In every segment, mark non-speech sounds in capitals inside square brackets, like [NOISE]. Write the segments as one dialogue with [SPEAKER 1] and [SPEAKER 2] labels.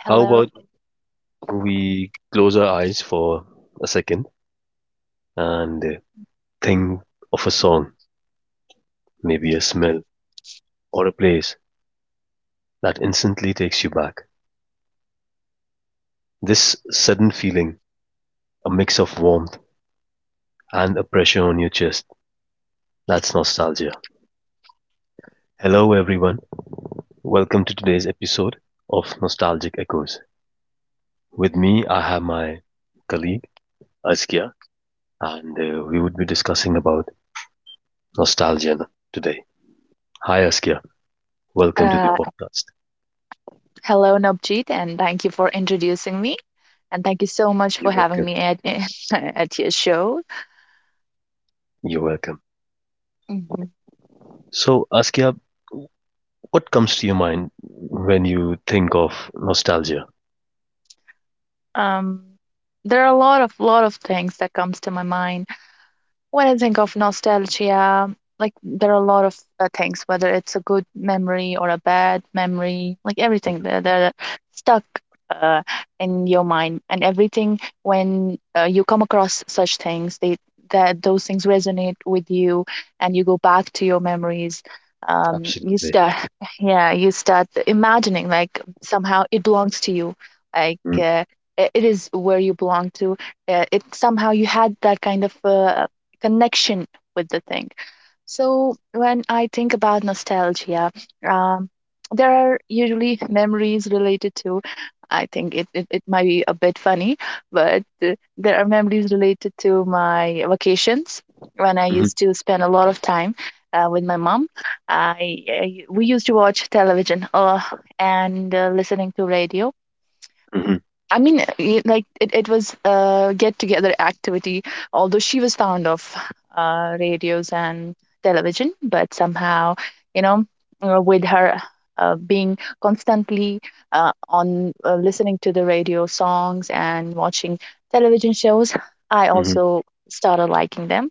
[SPEAKER 1] how about
[SPEAKER 2] Hello,
[SPEAKER 1] we close our eyes for a second and think of a song, maybe a smell or a place that instantly takes you back? This sudden feeling, a mix of warmth and a pressure on your chest, that's nostalgia. Hello, everyone. Welcome to today's episode of Nostalgic Echoes. With me, I have my colleague, Askia, and we would be discussing about nostalgia today. Hi, Askia. Welcome to the
[SPEAKER 2] uh,
[SPEAKER 1] podcast.
[SPEAKER 2] hello Navjeet, and thank you for introducing me, and thank you so much
[SPEAKER 1] You're
[SPEAKER 2] for having
[SPEAKER 1] welcome.
[SPEAKER 2] me at [LAUGHS] at your show.
[SPEAKER 1] You're welcome.
[SPEAKER 2] Mhm.
[SPEAKER 1] So, Askia, what comes to your mind when you think of nostalgia?
[SPEAKER 2] Um, there are a lot of things that comes to my mind when I think of nostalgia, like there are a lot of things, whether it's a good memory or a bad memory, like everything that are stuck uh, in your mind, and everything when you come across such things, they that those things resonate with you, and you go back to your memories. You
[SPEAKER 1] Absolutely.
[SPEAKER 2] start, [LAUGHS] yeah, you start imagining like somehow it belongs to you, like it is where you belong to. It somehow you had that kind of connection with the thing. So when I think about nostalgia, um, there are usually memories related to. I think it might be a bit funny, but there are memories related to my vacations when I
[SPEAKER 1] Mm-hmm.
[SPEAKER 2] used to spend a lot of time with my mom. I We used to watch television and listening to radio.
[SPEAKER 1] Hmm.
[SPEAKER 2] I mean, like it was a get together activity, although she was fond of radios and television. But somehow, you know, with her being constantly on listening to the radio songs and watching television shows, I
[SPEAKER 1] Hmm. Hmm.
[SPEAKER 2] also started liking them.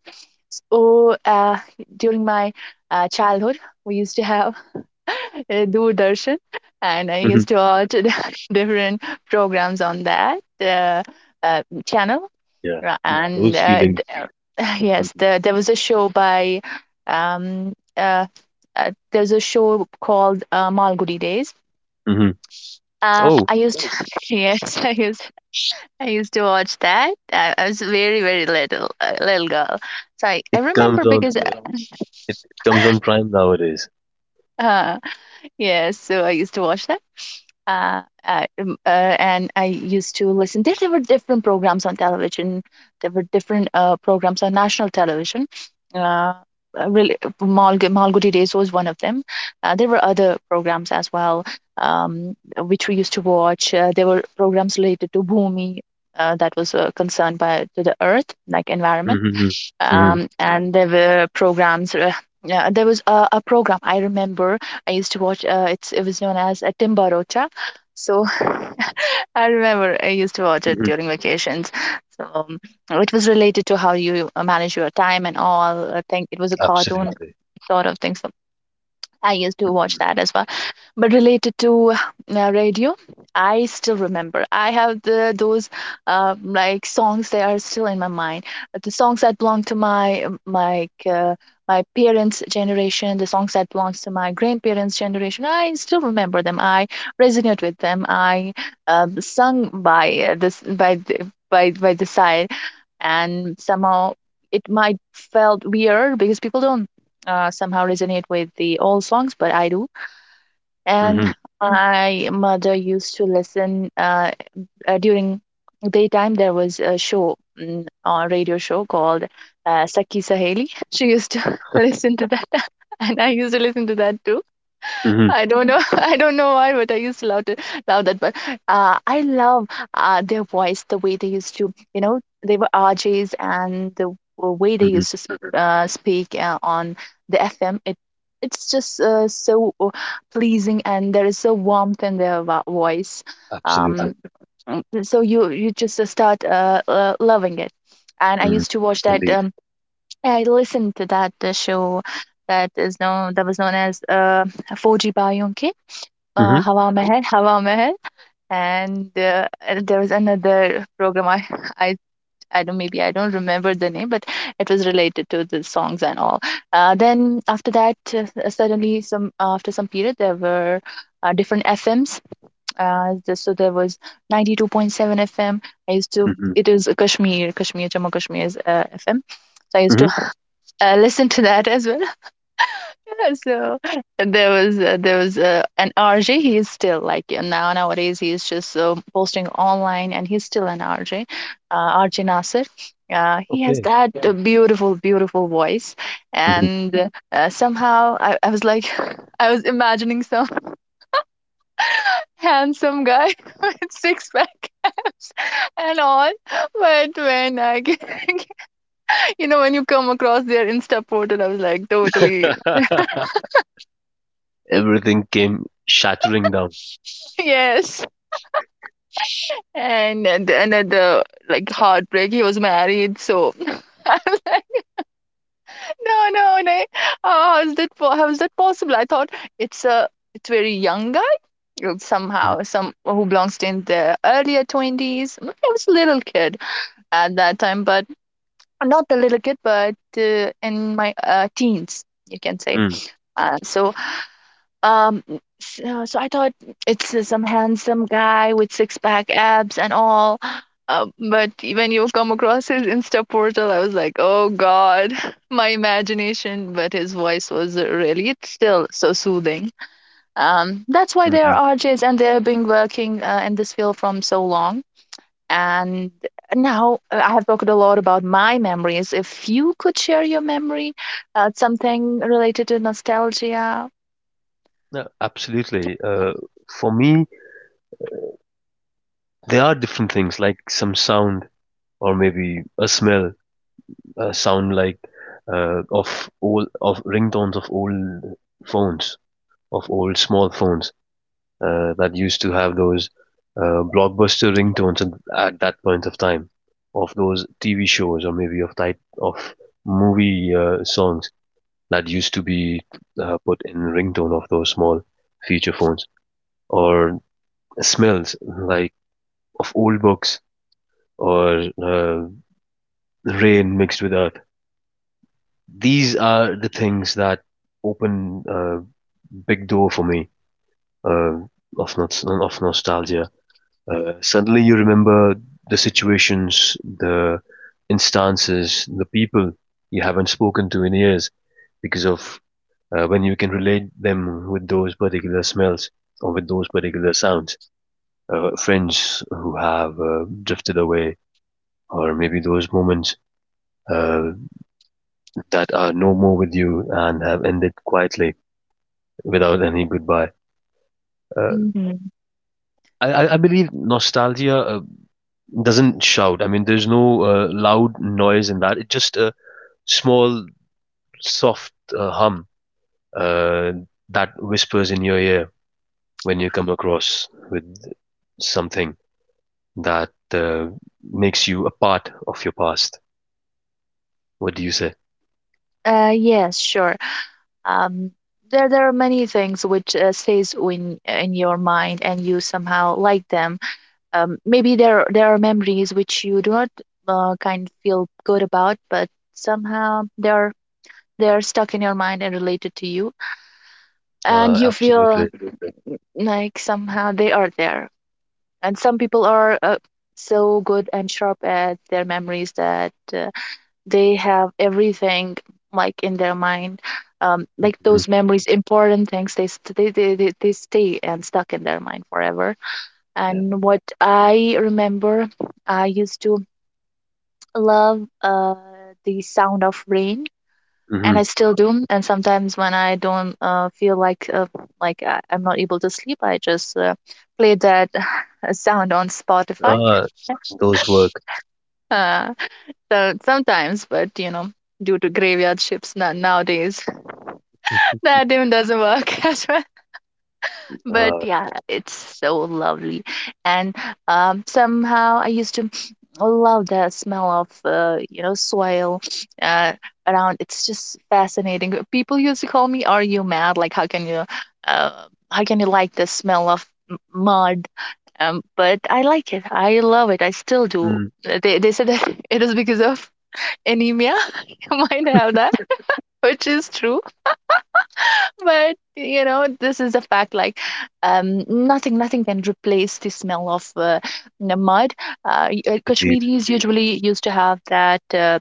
[SPEAKER 2] So during my childhood, we used to have [LAUGHS] Doordarshan, and I used
[SPEAKER 1] Hmm.
[SPEAKER 2] to watch [LAUGHS] different programs on that channel.
[SPEAKER 1] Yeah,
[SPEAKER 2] Ra- And
[SPEAKER 1] those
[SPEAKER 2] uh,
[SPEAKER 1] feelings.
[SPEAKER 2] d- [LAUGHS] yes,
[SPEAKER 1] Hmm.
[SPEAKER 2] um, uh, there's a show called Malgudi Days.
[SPEAKER 1] Hmm. Oh,
[SPEAKER 2] I used to, [LAUGHS] yes, I used to watch that. I was very very little girl, so I
[SPEAKER 1] it comes
[SPEAKER 2] remember
[SPEAKER 1] on.
[SPEAKER 2] because
[SPEAKER 1] uh, it comes on Prime nowadays.
[SPEAKER 2] [LAUGHS] uh, yes, so I used to watch that. And I used to listen. There were different programs on television. There were different programs on national television. Uh, Really, Malgudi Days was one of them. There were other programs as well, which we used to watch. There were programs related to Bhumi. That was concerned by to the earth, like environment.
[SPEAKER 1] Hmm. Hmm.
[SPEAKER 2] And there were programs. Yeah, there was a program I remember I used to watch. It was known as a Timbarocha. So [LAUGHS] I remember I used to watch it
[SPEAKER 1] Hmm.
[SPEAKER 2] during vacations. So it was related to how you manage your time and all. I think it was a cartoon
[SPEAKER 1] Absolutely.
[SPEAKER 2] sort of thing. So I used to watch that as well. But related to radio, I still remember. I have the Those like songs, they are still in my mind. The songs that belong to my my parents' generation, the songs that belongs to my grandparents' generation. I still remember them. I resonate with them. I Sung by this by the by the side, and somehow it might felt weird because people don't somehow resonate with the old songs, but I do. And
[SPEAKER 1] Hmm.
[SPEAKER 2] Mm. my mother used to listen during daytime. There was a show, a radio show called Saki Saheli. [LAUGHS] She used to [LAUGHS] listen to that, [LAUGHS] and I used to listen to that too.
[SPEAKER 1] Hmm.
[SPEAKER 2] I don't know. [LAUGHS] I don't know why, but I used to love that. But I love their voice, the way they used to, they were RJs, and the way they
[SPEAKER 1] Hmm.
[SPEAKER 2] used to speak on the FM. It's just so pleasing, and there is so warmth in their voice.
[SPEAKER 1] Absolutely.
[SPEAKER 2] Um, so you just start loving it. And I
[SPEAKER 1] Mm.
[SPEAKER 2] used to watch that.
[SPEAKER 1] Indeed.
[SPEAKER 2] I listened to that show that was known as 4G
[SPEAKER 1] Hmm.
[SPEAKER 2] Hawa Mehal, Hawa Mehal, and there was another program. I, I don't maybe I don't remember the name, but it was related to the songs and all. Then after that, suddenly some after some period, there were different FMs. So there was 92.7 FM. I used to
[SPEAKER 1] Hmm.
[SPEAKER 2] It was Kashmir, Jammu Kashmir's FM. So I used to
[SPEAKER 1] Hmm.
[SPEAKER 2] listen to that as well. Yeah, so there was an RJ. He's still like nowadays he's just posting online, and he's still an RJ, RJ Nasir. He has
[SPEAKER 1] Okay.
[SPEAKER 2] that beautiful, beautiful voice,
[SPEAKER 1] Hmm.
[SPEAKER 2] and somehow I was like, [LAUGHS] I was imagining some [LAUGHS] handsome guy [LAUGHS] with six pack and all, but [LAUGHS] you know, when you come across their Insta portal, I was like, totally,
[SPEAKER 1] [LAUGHS] Everything came shattering down.
[SPEAKER 2] [LAUGHS] yes. And another like heartbreak. He was married, so [LAUGHS] no, no, no. How is that possible? I thought it's a it's very young guy, somehow, some who belongs to in the earlier twenties. I was a little kid at that time, but not a little kid, but in my teens, you can say.
[SPEAKER 1] Mm-hmm. Mm-hmm.
[SPEAKER 2] Uh, so so I thought it's some handsome guy with six pack abs and all. But when you come across his Insta portal, I was like, oh God, [LAUGHS] my imagination. But his voice was really, it's still so soothing. That's why they are
[SPEAKER 1] Mm-hmm.
[SPEAKER 2] RJs and they've been working in this field from so long. And now I have talked a lot about my memories. If you could share your memory, something related to nostalgia.
[SPEAKER 1] No, absolutely. For me, there are different things like some sound or maybe a smell, a sound like of ringtones of old phones, of old small phones that used to have those blockbuster ringtones at that point of time, of those TV shows or maybe of type of movie songs that used to be put in ringtone of those small feature phones, or smells like of old books or rain mixed with earth. These are the things that open a big door for me, uh, of not of nostalgia. Suddenly you remember the situations, the instances, the people you haven't spoken to in years because of when you can relate them with those particular smells or with those particular sounds. Friends who have drifted away, or maybe those moments uh, that are no more with you and have ended quietly without any goodbye. Uh,
[SPEAKER 2] mm,
[SPEAKER 1] I believe nostalgia doesn't shout. I mean, there's no loud noise in that. It's just a small, soft hum uh, that whispers in your ear when you come across with something that makes you a part of your past. What do you say?
[SPEAKER 2] Uh, Yes, sure. Um, there are many things which stays in your mind, and you somehow like them. Maybe there are memories which you do not kind of feel good about, but somehow they're stuck in your mind and related to you, and you
[SPEAKER 1] Absolutely.
[SPEAKER 2] feel like somehow they are there. And some people are so good and sharp at their memories that they have everything like in their mind, like
[SPEAKER 1] Hmm.
[SPEAKER 2] those memories important things they, st- they stay and stuck in their mind forever.
[SPEAKER 1] Yeah.
[SPEAKER 2] And what I remember, I used to love the sound of rain, and
[SPEAKER 1] Hmm.
[SPEAKER 2] I still do. And sometimes when I don't feel like I'm not able to sleep, I just play that [LAUGHS] sound on Spotify.
[SPEAKER 1] Uh, those work.
[SPEAKER 2] [LAUGHS] uh, so sometimes, but due to graveyard ships nowadays, that even doesn't work [LAUGHS] as well. But
[SPEAKER 1] Uh,
[SPEAKER 2] yeah, it's so lovely. And somehow I used to love the smell of, soil uh, around. It's just fascinating. People used to call me, "Are you mad? Like, uh, how can you like the smell of mud?" But I like it. I love it. I still do.
[SPEAKER 1] mm,
[SPEAKER 2] They said that [LAUGHS] it is because of anemia. [LAUGHS] You might have that, which is true, but you know this is a fact. Like nothing can replace the smell of the mud.
[SPEAKER 1] Indeed.
[SPEAKER 2] Kashmiris usually used to have that,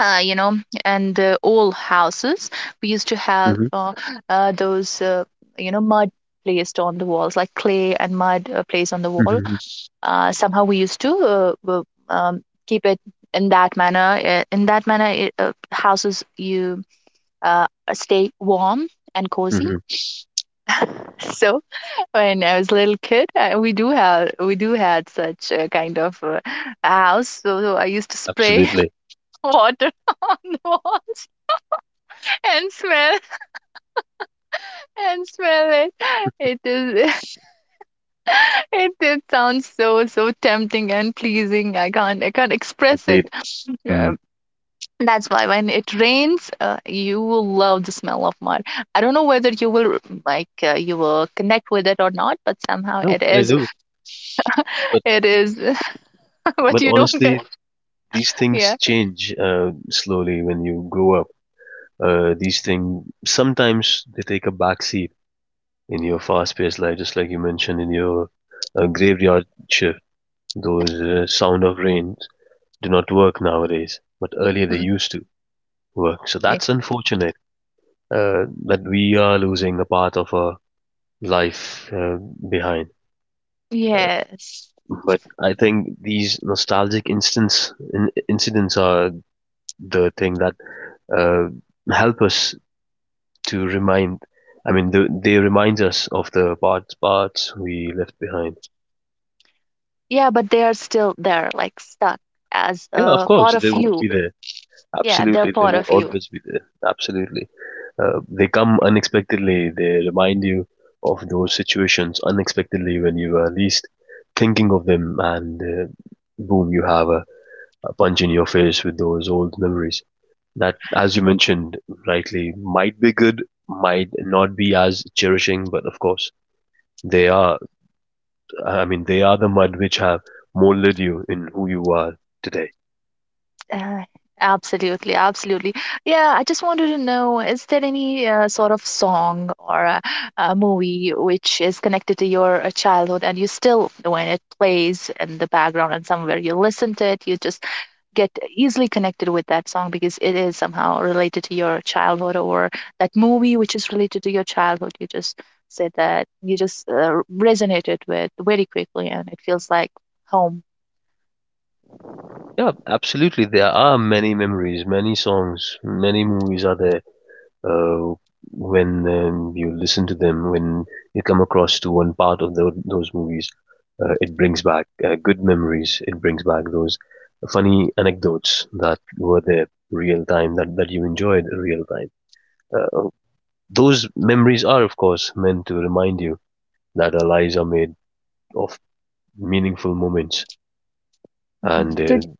[SPEAKER 2] uh, you know, and old houses we used to have
[SPEAKER 1] Mhm.
[SPEAKER 2] those, mud placed on the walls, like clay and mud placed on the wall.
[SPEAKER 1] Mhm,
[SPEAKER 2] Somehow we used to keep it in that manner. In that manner, houses you uh, stay warm and cozy.
[SPEAKER 1] mhm.
[SPEAKER 2] [LAUGHS] So when I was a little kid, we do have we do had such a kind of a house. So I used to spray
[SPEAKER 1] Absolutely,
[SPEAKER 2] [LAUGHS] water [LAUGHS] on the walls and smell and smell it. It is [LAUGHS] it sounds so so tempting and pleasing. I can't express
[SPEAKER 1] indeed.
[SPEAKER 2] it.
[SPEAKER 1] Mm.
[SPEAKER 2] Um, that's why when it rains, you will love the smell of mud. I don't know whether you will you will connect with it or not, but somehow
[SPEAKER 1] No,
[SPEAKER 2] it
[SPEAKER 1] I
[SPEAKER 2] is
[SPEAKER 1] do. But
[SPEAKER 2] [LAUGHS] it is [LAUGHS] what
[SPEAKER 1] but
[SPEAKER 2] you don't.
[SPEAKER 1] honestly, these
[SPEAKER 2] Yeah.
[SPEAKER 1] things change slowly when you grow up. These things sometimes they take a backseat in your fast-paced life, just like you mentioned in your graveyard shift. Those sound of rain do not work nowadays, but earlier they
[SPEAKER 2] Mhm.
[SPEAKER 1] used to work. So
[SPEAKER 2] Yeah.
[SPEAKER 1] that's unfortunate, that we are losing a part of our life behind.
[SPEAKER 2] Yes.
[SPEAKER 1] But I think these nostalgic incidents are the thing that uh, help us to remind. I mean, they remind us of the parts we left behind.
[SPEAKER 2] Yeah, but they are still there, like stuck as
[SPEAKER 1] Yeah, of
[SPEAKER 2] a part
[SPEAKER 1] course
[SPEAKER 2] of
[SPEAKER 1] they would
[SPEAKER 2] you.
[SPEAKER 1] be there.
[SPEAKER 2] Yeah, they're
[SPEAKER 1] Absolutely, they
[SPEAKER 2] part
[SPEAKER 1] will
[SPEAKER 2] of you.
[SPEAKER 1] always be there. Absolutely, they come unexpectedly. They remind you of those situations unexpectedly when you are least thinking of them, and boom, you have a punch in your face with those old memories. That, as you mentioned rightly, might be good, might not be as cherishing, but of course they are. I mean, they are the mud which have molded you in who you are today.
[SPEAKER 2] Uh, Absolutely, absolutely. Yeah, I just wanted to know, is there any sort of song or a movie which is connected to your childhood and you still, when it plays in the background and somewhere you listen to it, you just get easily connected with that song because it is somehow related to your childhood or that movie which is related to your childhood. You just said that you just resonated with very quickly and it feels like home.
[SPEAKER 1] Yeah, absolutely. There are many memories, many songs, many movies are there, uh, when you listen to them, when you come across to one part of those movies, it brings back good memories. It brings back those funny anecdotes that were there real time, that you enjoyed real time. Uh, those memories are, of course, meant to remind you that our lives are made of meaningful moments. And
[SPEAKER 2] [LAUGHS]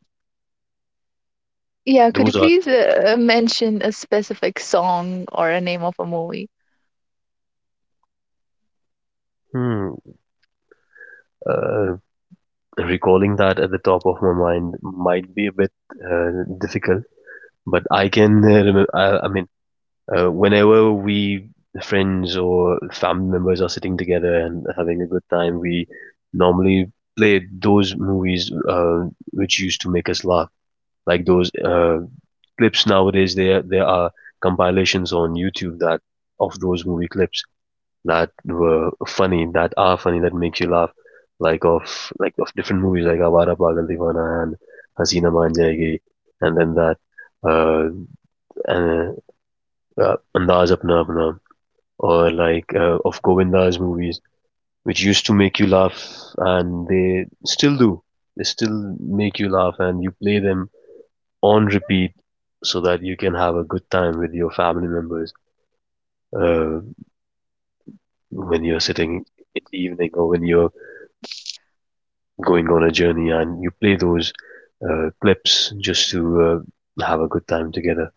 [SPEAKER 2] Yeah, could you
[SPEAKER 1] those are,
[SPEAKER 2] please mention a specific song or a name of a movie?
[SPEAKER 1] hmm, uh, Recalling that at the top of my mind might be a bit uh, difficult. But I can, uh, I mean, whenever we friends or family members are sitting together and having a good time, we normally play those movies which used to make us laugh, like those clips nowadays. There are compilations on YouTube that of those movie clips that were funny, that are funny, that makes you laugh, like of different movies like Awara Pagal Divana and Hasina Man Jayegi, and then that uh, and Andaz Apna Apna, or like of Govinda's movies, which used to make you laugh, and they still do. They still make you laugh, and you play them on repeat so that you can have a good time with your family members uh, when you're sitting in the evening or when you're going on a journey, and you play those clips just to have a good time together.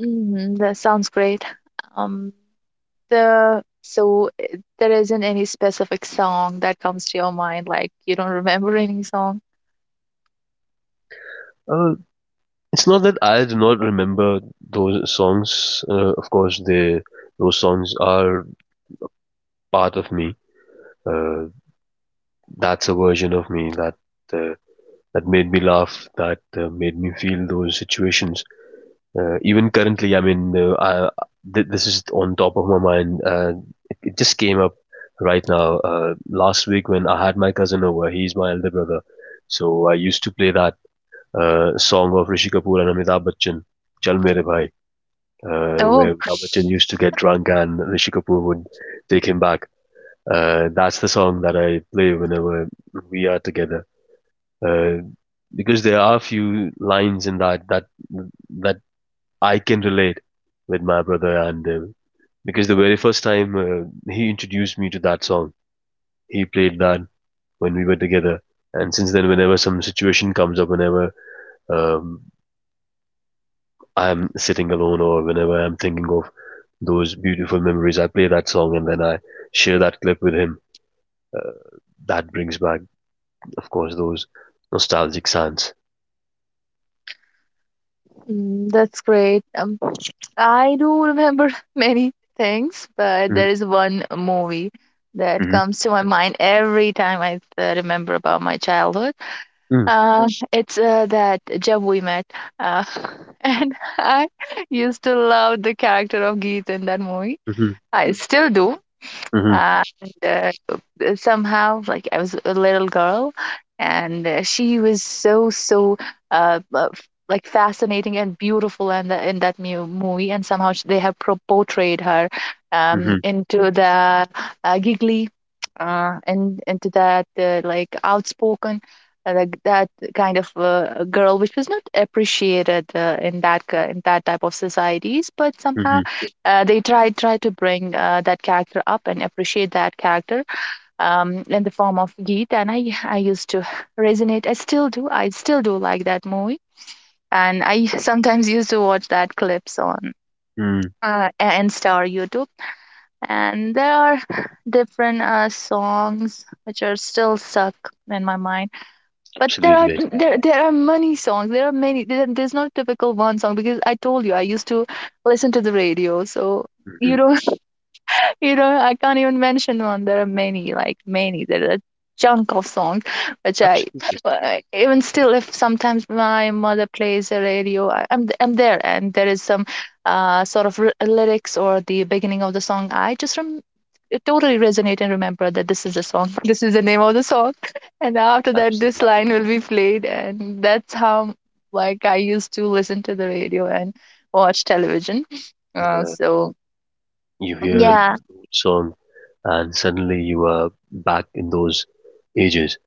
[SPEAKER 2] Hmm, that sounds great. Um, the so there isn't any specific song that comes to your mind, like you don't remember any song.
[SPEAKER 1] Other It's not that I do not remember those songs. Of course, they those songs are part of me. Uh, that's a version of me uh, that made me laugh, that made me feel those situations. Even currently, I mean, this is on top of my mind. It just came up right now. Last week when I had my cousin over, he's my elder brother, so I used to play that song of Rishi Kapoor and Amitabh Bachchan, "Chal Mere Bhai,"
[SPEAKER 2] Oh,
[SPEAKER 1] where Lamachan used to get drunk and Rishi Kapoor would take him back. That's the song that I play whenever we are together. Uh, because there are a few lines in that that I can relate with my brother, and because the very first time he introduced me to that song, he played that when we were together, and since then, whenever some situation comes up, whenever um, I'm sitting alone or whenever I'm thinking of those beautiful memories, I play that song and then I share that clip with him. That brings back, of course, those nostalgic sounds.
[SPEAKER 2] mm, that's great. I do remember [LAUGHS] many things, but
[SPEAKER 1] Mhm,
[SPEAKER 2] there is one movie that
[SPEAKER 1] mhm,
[SPEAKER 2] comes to my mind every time I remember about my childhood.
[SPEAKER 1] mm,
[SPEAKER 2] It's that Jab We Met. Uh, [LAUGHS] and I used to love the character of Geet in that movie.
[SPEAKER 1] mhm,
[SPEAKER 2] I still do.
[SPEAKER 1] mhm,
[SPEAKER 2] And Somehow, like, I was a little girl, and she was so like fascinating and beautiful, and in that movie, and somehow they have portrayed her
[SPEAKER 1] mhm,
[SPEAKER 2] into the giggly and into that like outspoken like that kind of girl, which was not appreciated in that type of societies, but somehow
[SPEAKER 1] mhm,
[SPEAKER 2] they try to bring that character up and appreciate that character in the form of Geet. And I used to resonate. I still do. I still do like that movie. And I [LAUGHS] sometimes used to watch that clips on
[SPEAKER 1] mm.
[SPEAKER 2] Insta or YouTube. And there are different songs which are still stuck in my mind. But there are
[SPEAKER 1] Absolutely.
[SPEAKER 2] there there are many songs. There are many. There's not a typical one song because I told you I used to listen to the radio. So you
[SPEAKER 1] Mhm.
[SPEAKER 2] don't. You know, I can't even mention one. There are many, like many. There are a chunk of songs which I
[SPEAKER 1] Absolutely.
[SPEAKER 2] even still, if sometimes my mother plays a radio, I'm there, and there is some sort of lyrics or the beginning of the song. I just it totally resonate and remember that this is the song. [LAUGHS] This is the name of the song, [LAUGHS] and after that, this
[SPEAKER 1] Absolutely.
[SPEAKER 2] line will be played, and that's how like I used to listen to the radio and watch television.
[SPEAKER 1] Yeah.
[SPEAKER 2] So
[SPEAKER 1] You hear an
[SPEAKER 2] yeah,
[SPEAKER 1] old song and suddenly you are back in those ages.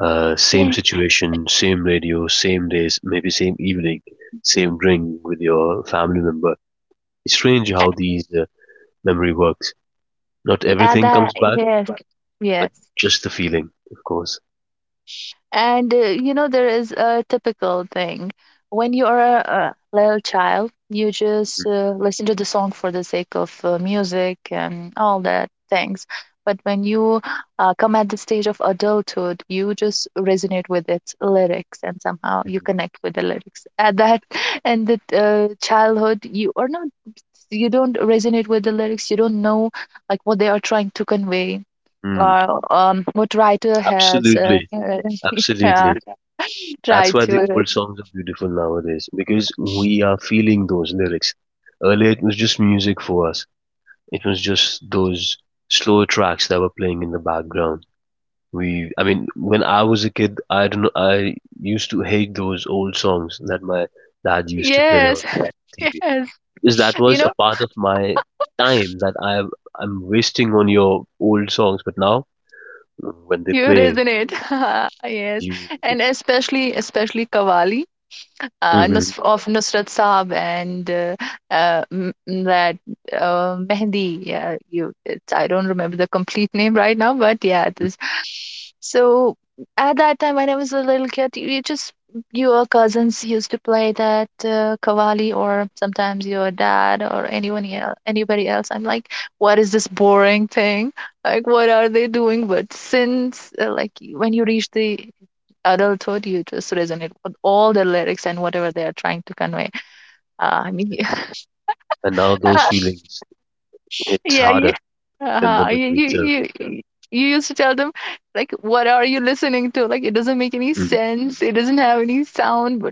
[SPEAKER 1] Same
[SPEAKER 2] yeah.
[SPEAKER 1] situation, same radio, same days, maybe same evening, same drink with your family member. It's strange how these memory works. Not
[SPEAKER 2] At
[SPEAKER 1] everything
[SPEAKER 2] that,
[SPEAKER 1] comes back,
[SPEAKER 2] yes, yes.
[SPEAKER 1] but just the feeling, of course.
[SPEAKER 2] And you know, there is a typical thing. When you are a little child, you just listen to the song for the sake of music and all that things. But when you come at the stage of adulthood, you just resonate with its lyrics and somehow you
[SPEAKER 1] Mhm.
[SPEAKER 2] connect with the lyrics. At that, [LAUGHS] and the childhood, you are not, you don't resonate with the lyrics. You don't know like what they are trying to convey
[SPEAKER 1] Mm,
[SPEAKER 2] what writer has
[SPEAKER 1] absolutely,
[SPEAKER 2] [LAUGHS] yeah,
[SPEAKER 1] absolutely. That's
[SPEAKER 2] tried
[SPEAKER 1] why the
[SPEAKER 2] to?
[SPEAKER 1] old songs are beautiful nowadays, because we are feeling those lyrics. Earlier, it was just music for us. It was just those slow tracks that were playing in the background. I mean, when I was a kid, I don't know, I used to hate those old songs that my dad used to play on
[SPEAKER 2] Yes, [LAUGHS]
[SPEAKER 1] TV
[SPEAKER 2] yes.
[SPEAKER 1] because that
[SPEAKER 2] You
[SPEAKER 1] was a
[SPEAKER 2] know,
[SPEAKER 1] part of my time that I'm wasting on your old songs. But now, when they
[SPEAKER 2] you
[SPEAKER 1] play,
[SPEAKER 2] resonate. [LAUGHS] Yes,
[SPEAKER 1] you
[SPEAKER 2] and especially Kavali.
[SPEAKER 1] [LAUGHS]
[SPEAKER 2] uh,
[SPEAKER 1] and
[SPEAKER 2] Nus- of Nusrat Saab and uh, m- that Mehndi. Yeah, you. It's, I don't remember the complete name right now, but yeah, it is. So at that time, when I was a little kid, you just your cousins used to play that kavali, or sometimes your dad or anyone else, anybody else. I'm like, what is this boring thing? Like, what are they doing? But since like when you reach the adulthood, you just resonate with all the lyrics and whatever they are trying to convey. I mean, you-
[SPEAKER 1] now those
[SPEAKER 2] [LAUGHS]
[SPEAKER 1] feelings hit
[SPEAKER 2] yeah, yeah.
[SPEAKER 1] harder than the
[SPEAKER 2] Uh, you,
[SPEAKER 1] memory itself.
[SPEAKER 2] you, you, you used to tell them, like, what are you listening to? Like, it doesn't make any
[SPEAKER 1] Mhm.
[SPEAKER 2] sense. It doesn't have any sound.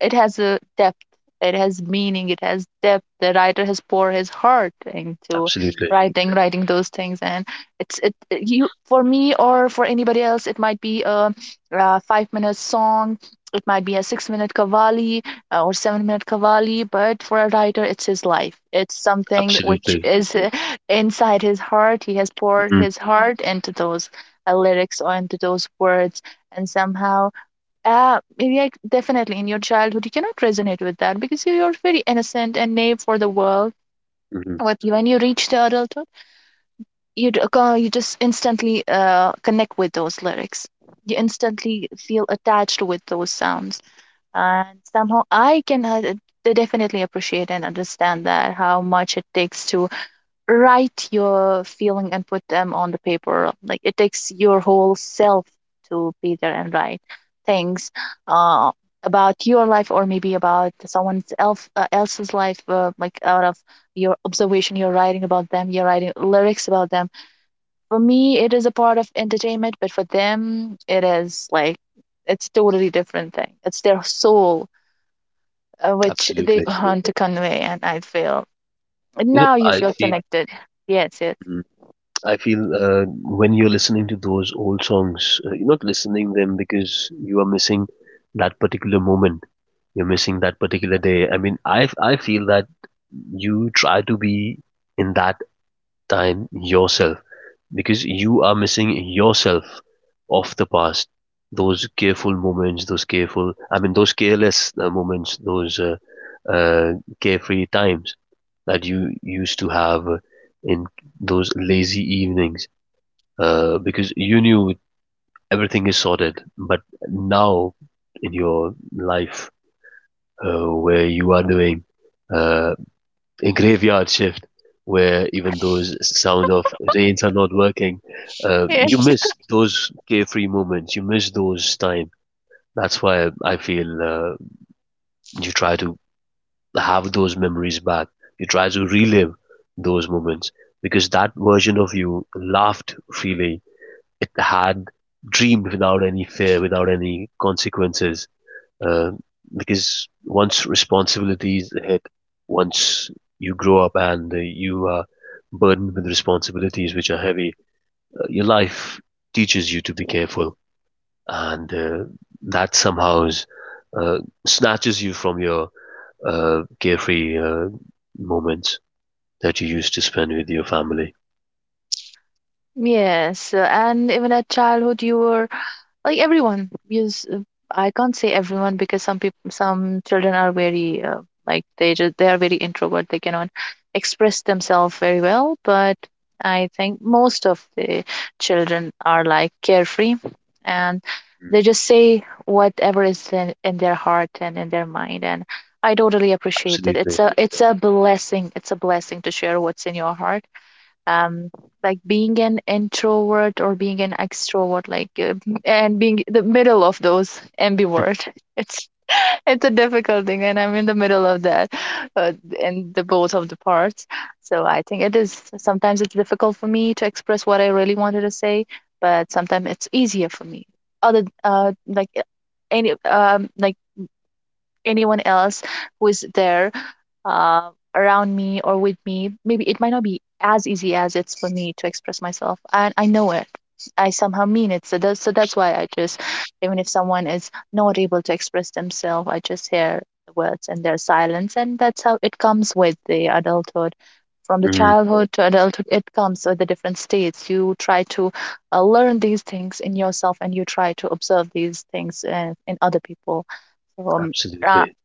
[SPEAKER 2] It has a depth. It has meaning. It has depth. The writer has poured his heart into
[SPEAKER 1] Absolutely,
[SPEAKER 2] writing those things, and it's it you for me or for anybody else. It might be a, 5 minute song. It might be a 6 minute kavali or 7 minute kavali. But for a writer, it's his life. It's something which
[SPEAKER 1] absolutely.
[SPEAKER 2] is [LAUGHS] inside his heart. He has poured
[SPEAKER 1] Mhm.
[SPEAKER 2] his heart into those lyrics or into those words, and somehow yeah, definitely. In your childhood, you cannot resonate with that because you- are very innocent and naive for the world.
[SPEAKER 1] Mhm.
[SPEAKER 2] But when you reach the adulthood, you just instantly connect with those lyrics. You instantly feel attached with those sounds, and somehow I can definitely appreciate and understand that how much it takes to write your feeling and put them on the paper, like it takes your whole self to be there and write things uh, about your life or maybe about someone else else's life, like out of your observation you're writing about them, you're writing lyrics about them. For me it is a part of entertainment, but for them it is like it's totally different thing, it's their soul which they
[SPEAKER 1] Absolutely.
[SPEAKER 2] [LAUGHS] want to convey, and I feel
[SPEAKER 1] You know,
[SPEAKER 2] now you
[SPEAKER 1] I
[SPEAKER 2] feel
[SPEAKER 1] feel.
[SPEAKER 2] connected. Yes, yes.
[SPEAKER 1] I feel, when you're listening to those old songs, you're not listening them because you are missing that particular moment. You're missing that particular day. I mean, I feel that you try to be in that time yourself because you are missing yourself of the past. Those careful moments, those careful, I mean, those careless moments, those uh, carefree times that you used to have in those lazy evenings, because you knew everything is sorted. But now in your life, where you are doing uh, a graveyard shift, where even those sound of rains are not working, you
[SPEAKER 2] [LAUGHS]
[SPEAKER 1] miss those carefree moments. You miss those time. That's why I feel, you try to have those memories back. You try to relive those moments because that version of you laughed freely, it had dreamed without any fear, without any consequences. Uh, because once responsibilities hit, once you grow up and you are burdened with responsibilities which are heavy, your life teaches you to be careful, and that somehow uh, snatches you from your carefree moments that you used to spend with your family.
[SPEAKER 2] Yes, and even at childhood, you were like everyone. Yes, I can't say everyone because some people, some children are very like they just they are very introvert. They cannot express themselves very well. But I think most of the children are like carefree, and they just say whatever is in their heart and in their mind. And I totally appreciate it. It's
[SPEAKER 1] Absolutely.
[SPEAKER 2] a it's a blessing. It's a blessing to share what's in your heart, um, like being an introvert or being an extrovert, like, and being the middle of those ambivert [LAUGHS] it's it's a difficult thing and I'm in the middle of that uh, in the both of the parts. So I think it is sometimes it's difficult for me to express what I really wanted to say, but sometimes it's easier for me. Other any um like anyone else who is there uh, around me or with me, maybe it might not be as easy as it's for me to express myself. And I know it. I somehow mean it. So that's why I just, even if someone is not able to express themselves, I just hear the words and their silence. And that's how it comes with the adulthood. From the
[SPEAKER 1] Mm,
[SPEAKER 2] childhood to adulthood, it comes with the different states. You try to learn these things in yourself, and you try to observe these things in other people. So, um, uh,
[SPEAKER 1] absolutely.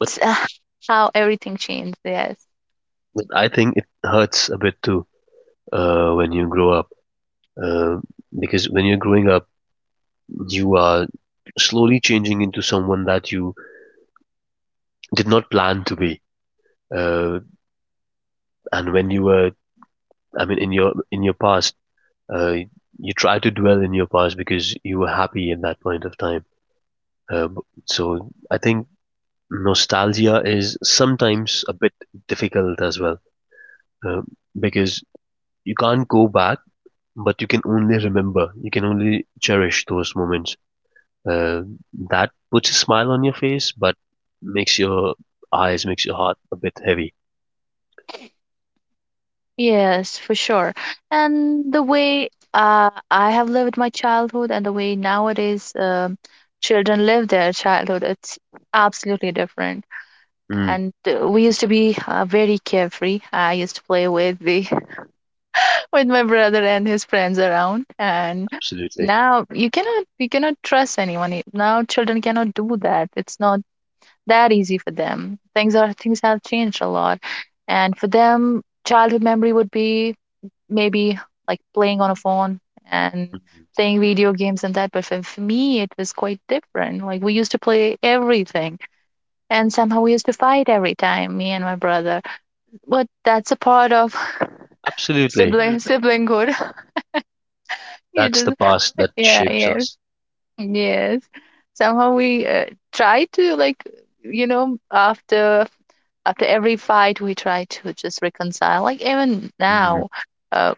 [SPEAKER 1] But
[SPEAKER 2] [LAUGHS] how everything changed. Yes.
[SPEAKER 1] I think it hurts a bit too, when you grow up. Um because when you're growing up, you are slowly changing into someone that you did not plan to be. Uh, and I mean, in your past, uh, you try to dwell in your past because you were happy at that point of time. Um, so I think nostalgia is sometimes a bit difficult as well, um, because you can't go back, but you can only remember. You can only cherish those moments, uh, that puts a smile on your face, but makes your eyes, makes your heart a bit heavy.
[SPEAKER 2] Yes, for sure. And the way I have lived my childhood and the way nowadays children live their childhood, it's absolutely different.
[SPEAKER 1] Mm,
[SPEAKER 2] And we used to be very carefree. I used to play with the [LAUGHS] with my brother and his friends around. And
[SPEAKER 1] absolutely.
[SPEAKER 2] now you cannot trust anyone. Now children cannot do that. It's not that easy for them. Things have changed a lot, and for them, childhood memory would be maybe like playing on a phone and
[SPEAKER 1] Mm,
[SPEAKER 2] playing video games and that. But for me, it was quite different. Like we used to play everything, and somehow we used to fight every time, me and my brother. But that's a part of [LAUGHS]
[SPEAKER 1] absolutely.
[SPEAKER 2] siblinghood. [LAUGHS] You
[SPEAKER 1] That's the
[SPEAKER 2] just
[SPEAKER 1] past that
[SPEAKER 2] yeah
[SPEAKER 1] shapes
[SPEAKER 2] yes
[SPEAKER 1] us.
[SPEAKER 2] yes. Somehow we try to, like, you know, after after every fight we try to just reconcile, like even
[SPEAKER 1] Mm,
[SPEAKER 2] now uh,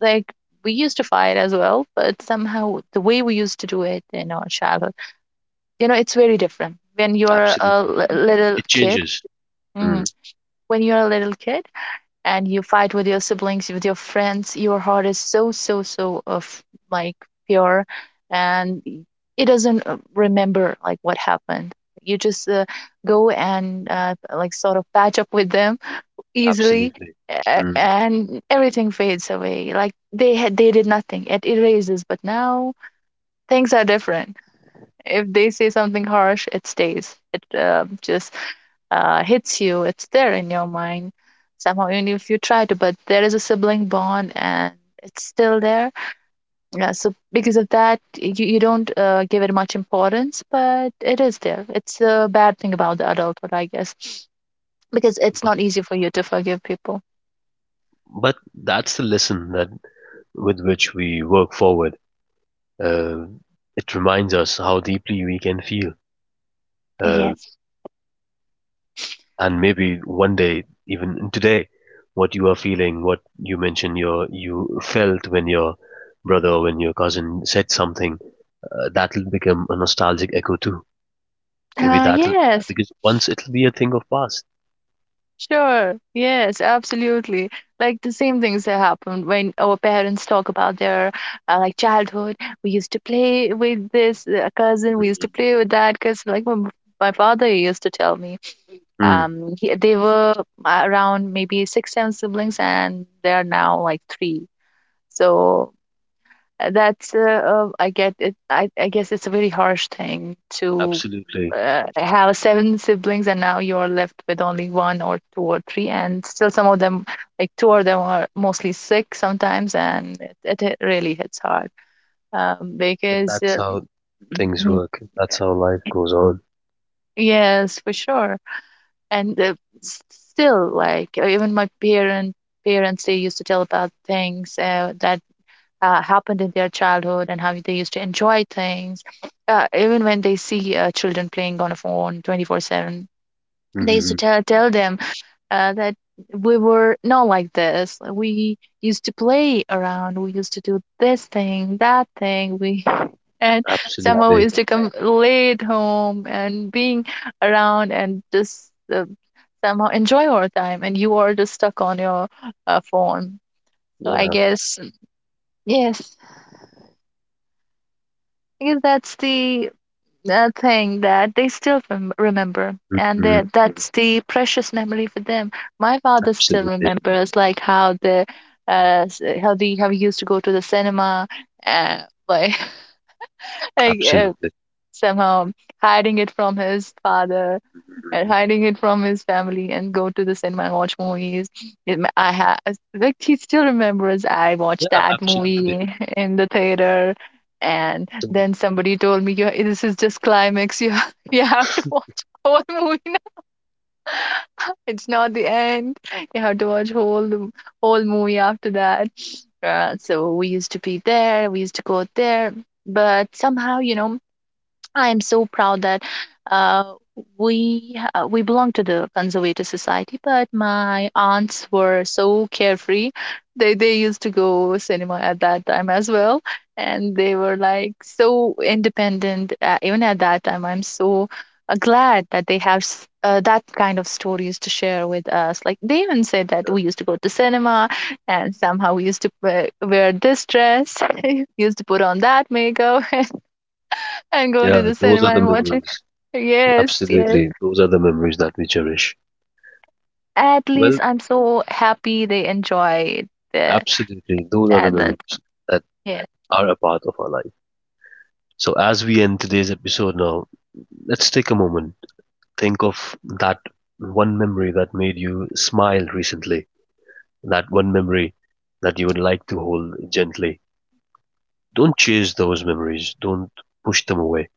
[SPEAKER 2] like we used to fight as well, but somehow the way we used to do it in our childhood, you know it's very different when you're a
[SPEAKER 1] absolutely.
[SPEAKER 2] li- little
[SPEAKER 1] It
[SPEAKER 2] kid.
[SPEAKER 1] changes.
[SPEAKER 2] Mm,
[SPEAKER 1] Mm,
[SPEAKER 2] when you're a little kid and you fight with your siblings, with your friends, your heart is so so so of like pure, and it doesn't remember like what happened. You just go and like sort of patch up with them easily,
[SPEAKER 1] absolutely. Mm.
[SPEAKER 2] and everything fades away like they had they did nothing. It erases. But now things are different. If they say something harsh, it stays. It just hits you. It's there in your mind somehow, even if you try to. But there is a sibling bond, and it's still there. Yeah, so because of that, you don't give it much importance, but it is there. It's a bad thing about the adulthood, I guess, because it's
[SPEAKER 1] But,
[SPEAKER 2] not easy for you to forgive people.
[SPEAKER 1] but that's the lesson that with which we work forward. Uh, it reminds us how deeply we can feel. Uh,
[SPEAKER 2] Yes.
[SPEAKER 1] and maybe one day, even today, what you are feeling, what you mentioned you felt when your brother or when your cousin said something, that'll become a nostalgic echo too. Maybe that'll,
[SPEAKER 2] Yes,
[SPEAKER 1] because once it'll be a thing of past.
[SPEAKER 2] sure. Yes, absolutely. Like the same things that happened when our parents talk about their like childhood. We used to play with this cousin. We used to
[SPEAKER 1] Mhm.
[SPEAKER 2] play with that because like my father used to tell me,
[SPEAKER 1] Mm,
[SPEAKER 2] he, they were around maybe six, seven siblings, and they are now like three. So That's I get it. I guess it's a very harsh thing to
[SPEAKER 1] absolutely.
[SPEAKER 2] have seven siblings and now you're left with only one or two or three, and still some of them, like two of them, are mostly sick sometimes, and it, it really hits hard,
[SPEAKER 1] And
[SPEAKER 2] because
[SPEAKER 1] that's how things
[SPEAKER 2] mm,
[SPEAKER 1] work, that's how life goes on.
[SPEAKER 2] yes, for sure, and s- still like even my parents they used to tell about things that happened in their childhood and how they used to enjoy things. Even when they see children playing on a phone 24/7, they used to
[SPEAKER 1] Hmm.
[SPEAKER 2] tell them that we were not like this. We used to play around, we used to do this thing, that thing. We [LAUGHS] and somehow we
[SPEAKER 1] Absolutely.
[SPEAKER 2] used to come late home and being around and just somehow enjoy our time, and you are just stuck on your phone, so I
[SPEAKER 1] Yeah.
[SPEAKER 2] guess yes. Because that's the thing that they still remember, and
[SPEAKER 1] Hmm.
[SPEAKER 2] they, that's the precious memory for them. My father still
[SPEAKER 1] Absolutely.
[SPEAKER 2] remembers like how the how the how we used to go to the cinema, like [LAUGHS] like
[SPEAKER 1] Absolutely.
[SPEAKER 2] somehow hiding it from his father and
[SPEAKER 1] Mhm.
[SPEAKER 2] hiding it from his family and go to the cinema and watch movies. It ma- I ha Like he still remembers I
[SPEAKER 1] Yeah,
[SPEAKER 2] watched that
[SPEAKER 1] absolutely.
[SPEAKER 2] movie [LAUGHS] in the theater, and
[SPEAKER 1] So,
[SPEAKER 2] then somebody told me, "Yeah, this is just climax. You have, [LAUGHS] you have to watch [LAUGHS] whole movie now. [LAUGHS] It's not the end. You have to watch whole movie after that." So we used to be there. We used to go there, but somehow, you know, I am so proud that uh, we belong to the conservative society, but my aunts were so carefree. They used to go cinema at that time as well, and they were like so independent. Even at that time, I'm so glad that they have that kind of stories to share with us. Like they even said that we used to go to cinema, and somehow we used to wear this dress, [LAUGHS] used to put on that makeup, [LAUGHS] and go to
[SPEAKER 1] yeah,
[SPEAKER 2] the
[SPEAKER 1] those
[SPEAKER 2] cinema
[SPEAKER 1] are the
[SPEAKER 2] and watch it.
[SPEAKER 1] memories.
[SPEAKER 2] Yes, yes.
[SPEAKER 1] Absolutely. Those are the memories that we cherish.
[SPEAKER 2] At least
[SPEAKER 1] Well,
[SPEAKER 2] I'm so happy they enjoyed the
[SPEAKER 1] absolutely. Those are the
[SPEAKER 2] advent.
[SPEAKER 1] memories that
[SPEAKER 2] Yeah.
[SPEAKER 1] are a part of our life. So, as we end today's episode now, let's take a moment. Think of that one memory that made you smile recently, that one memory that you would like to hold gently. Don't chase those memories, don't push them away.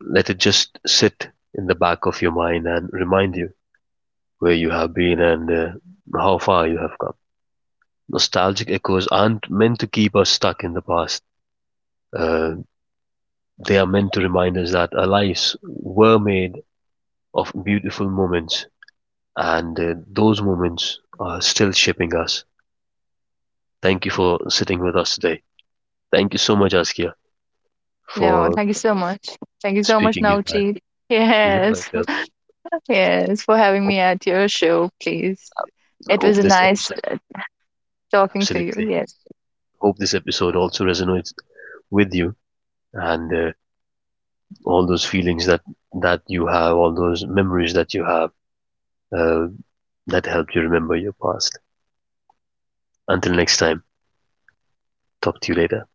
[SPEAKER 1] Let it just sit in the back of your mind and remind you where you have been and how far you have come. Nostalgic echoes aren't meant to keep us stuck in the past. Uh, they are meant to remind us that our lives were made of beautiful moments, and those moments are still shaping us. Thank you for sitting with us today. Thank you so much, Askia,
[SPEAKER 2] No,
[SPEAKER 1] for
[SPEAKER 2] thank you so much. Thank you so much,
[SPEAKER 1] speaking in that.
[SPEAKER 2] Navjeet.
[SPEAKER 1] You're
[SPEAKER 2] Yes,
[SPEAKER 1] welcome.
[SPEAKER 2] [LAUGHS] yes, for having
[SPEAKER 1] Hope,
[SPEAKER 2] me at your show, please.
[SPEAKER 1] I
[SPEAKER 2] It
[SPEAKER 1] hope
[SPEAKER 2] was
[SPEAKER 1] this
[SPEAKER 2] nice
[SPEAKER 1] episode,
[SPEAKER 2] talking to you.
[SPEAKER 1] absolutely,
[SPEAKER 2] Yes.
[SPEAKER 1] hope this episode also resonates with you and all those feelings that you have, all those memories that you have, uh, that help you remember your past. Until next time, talk to you later.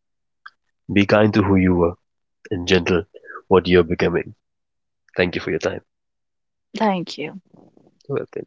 [SPEAKER 1] Be kind to who you were and gentle what you're becoming. Thank you for your time.
[SPEAKER 2] Thank you.
[SPEAKER 1] You're welcome.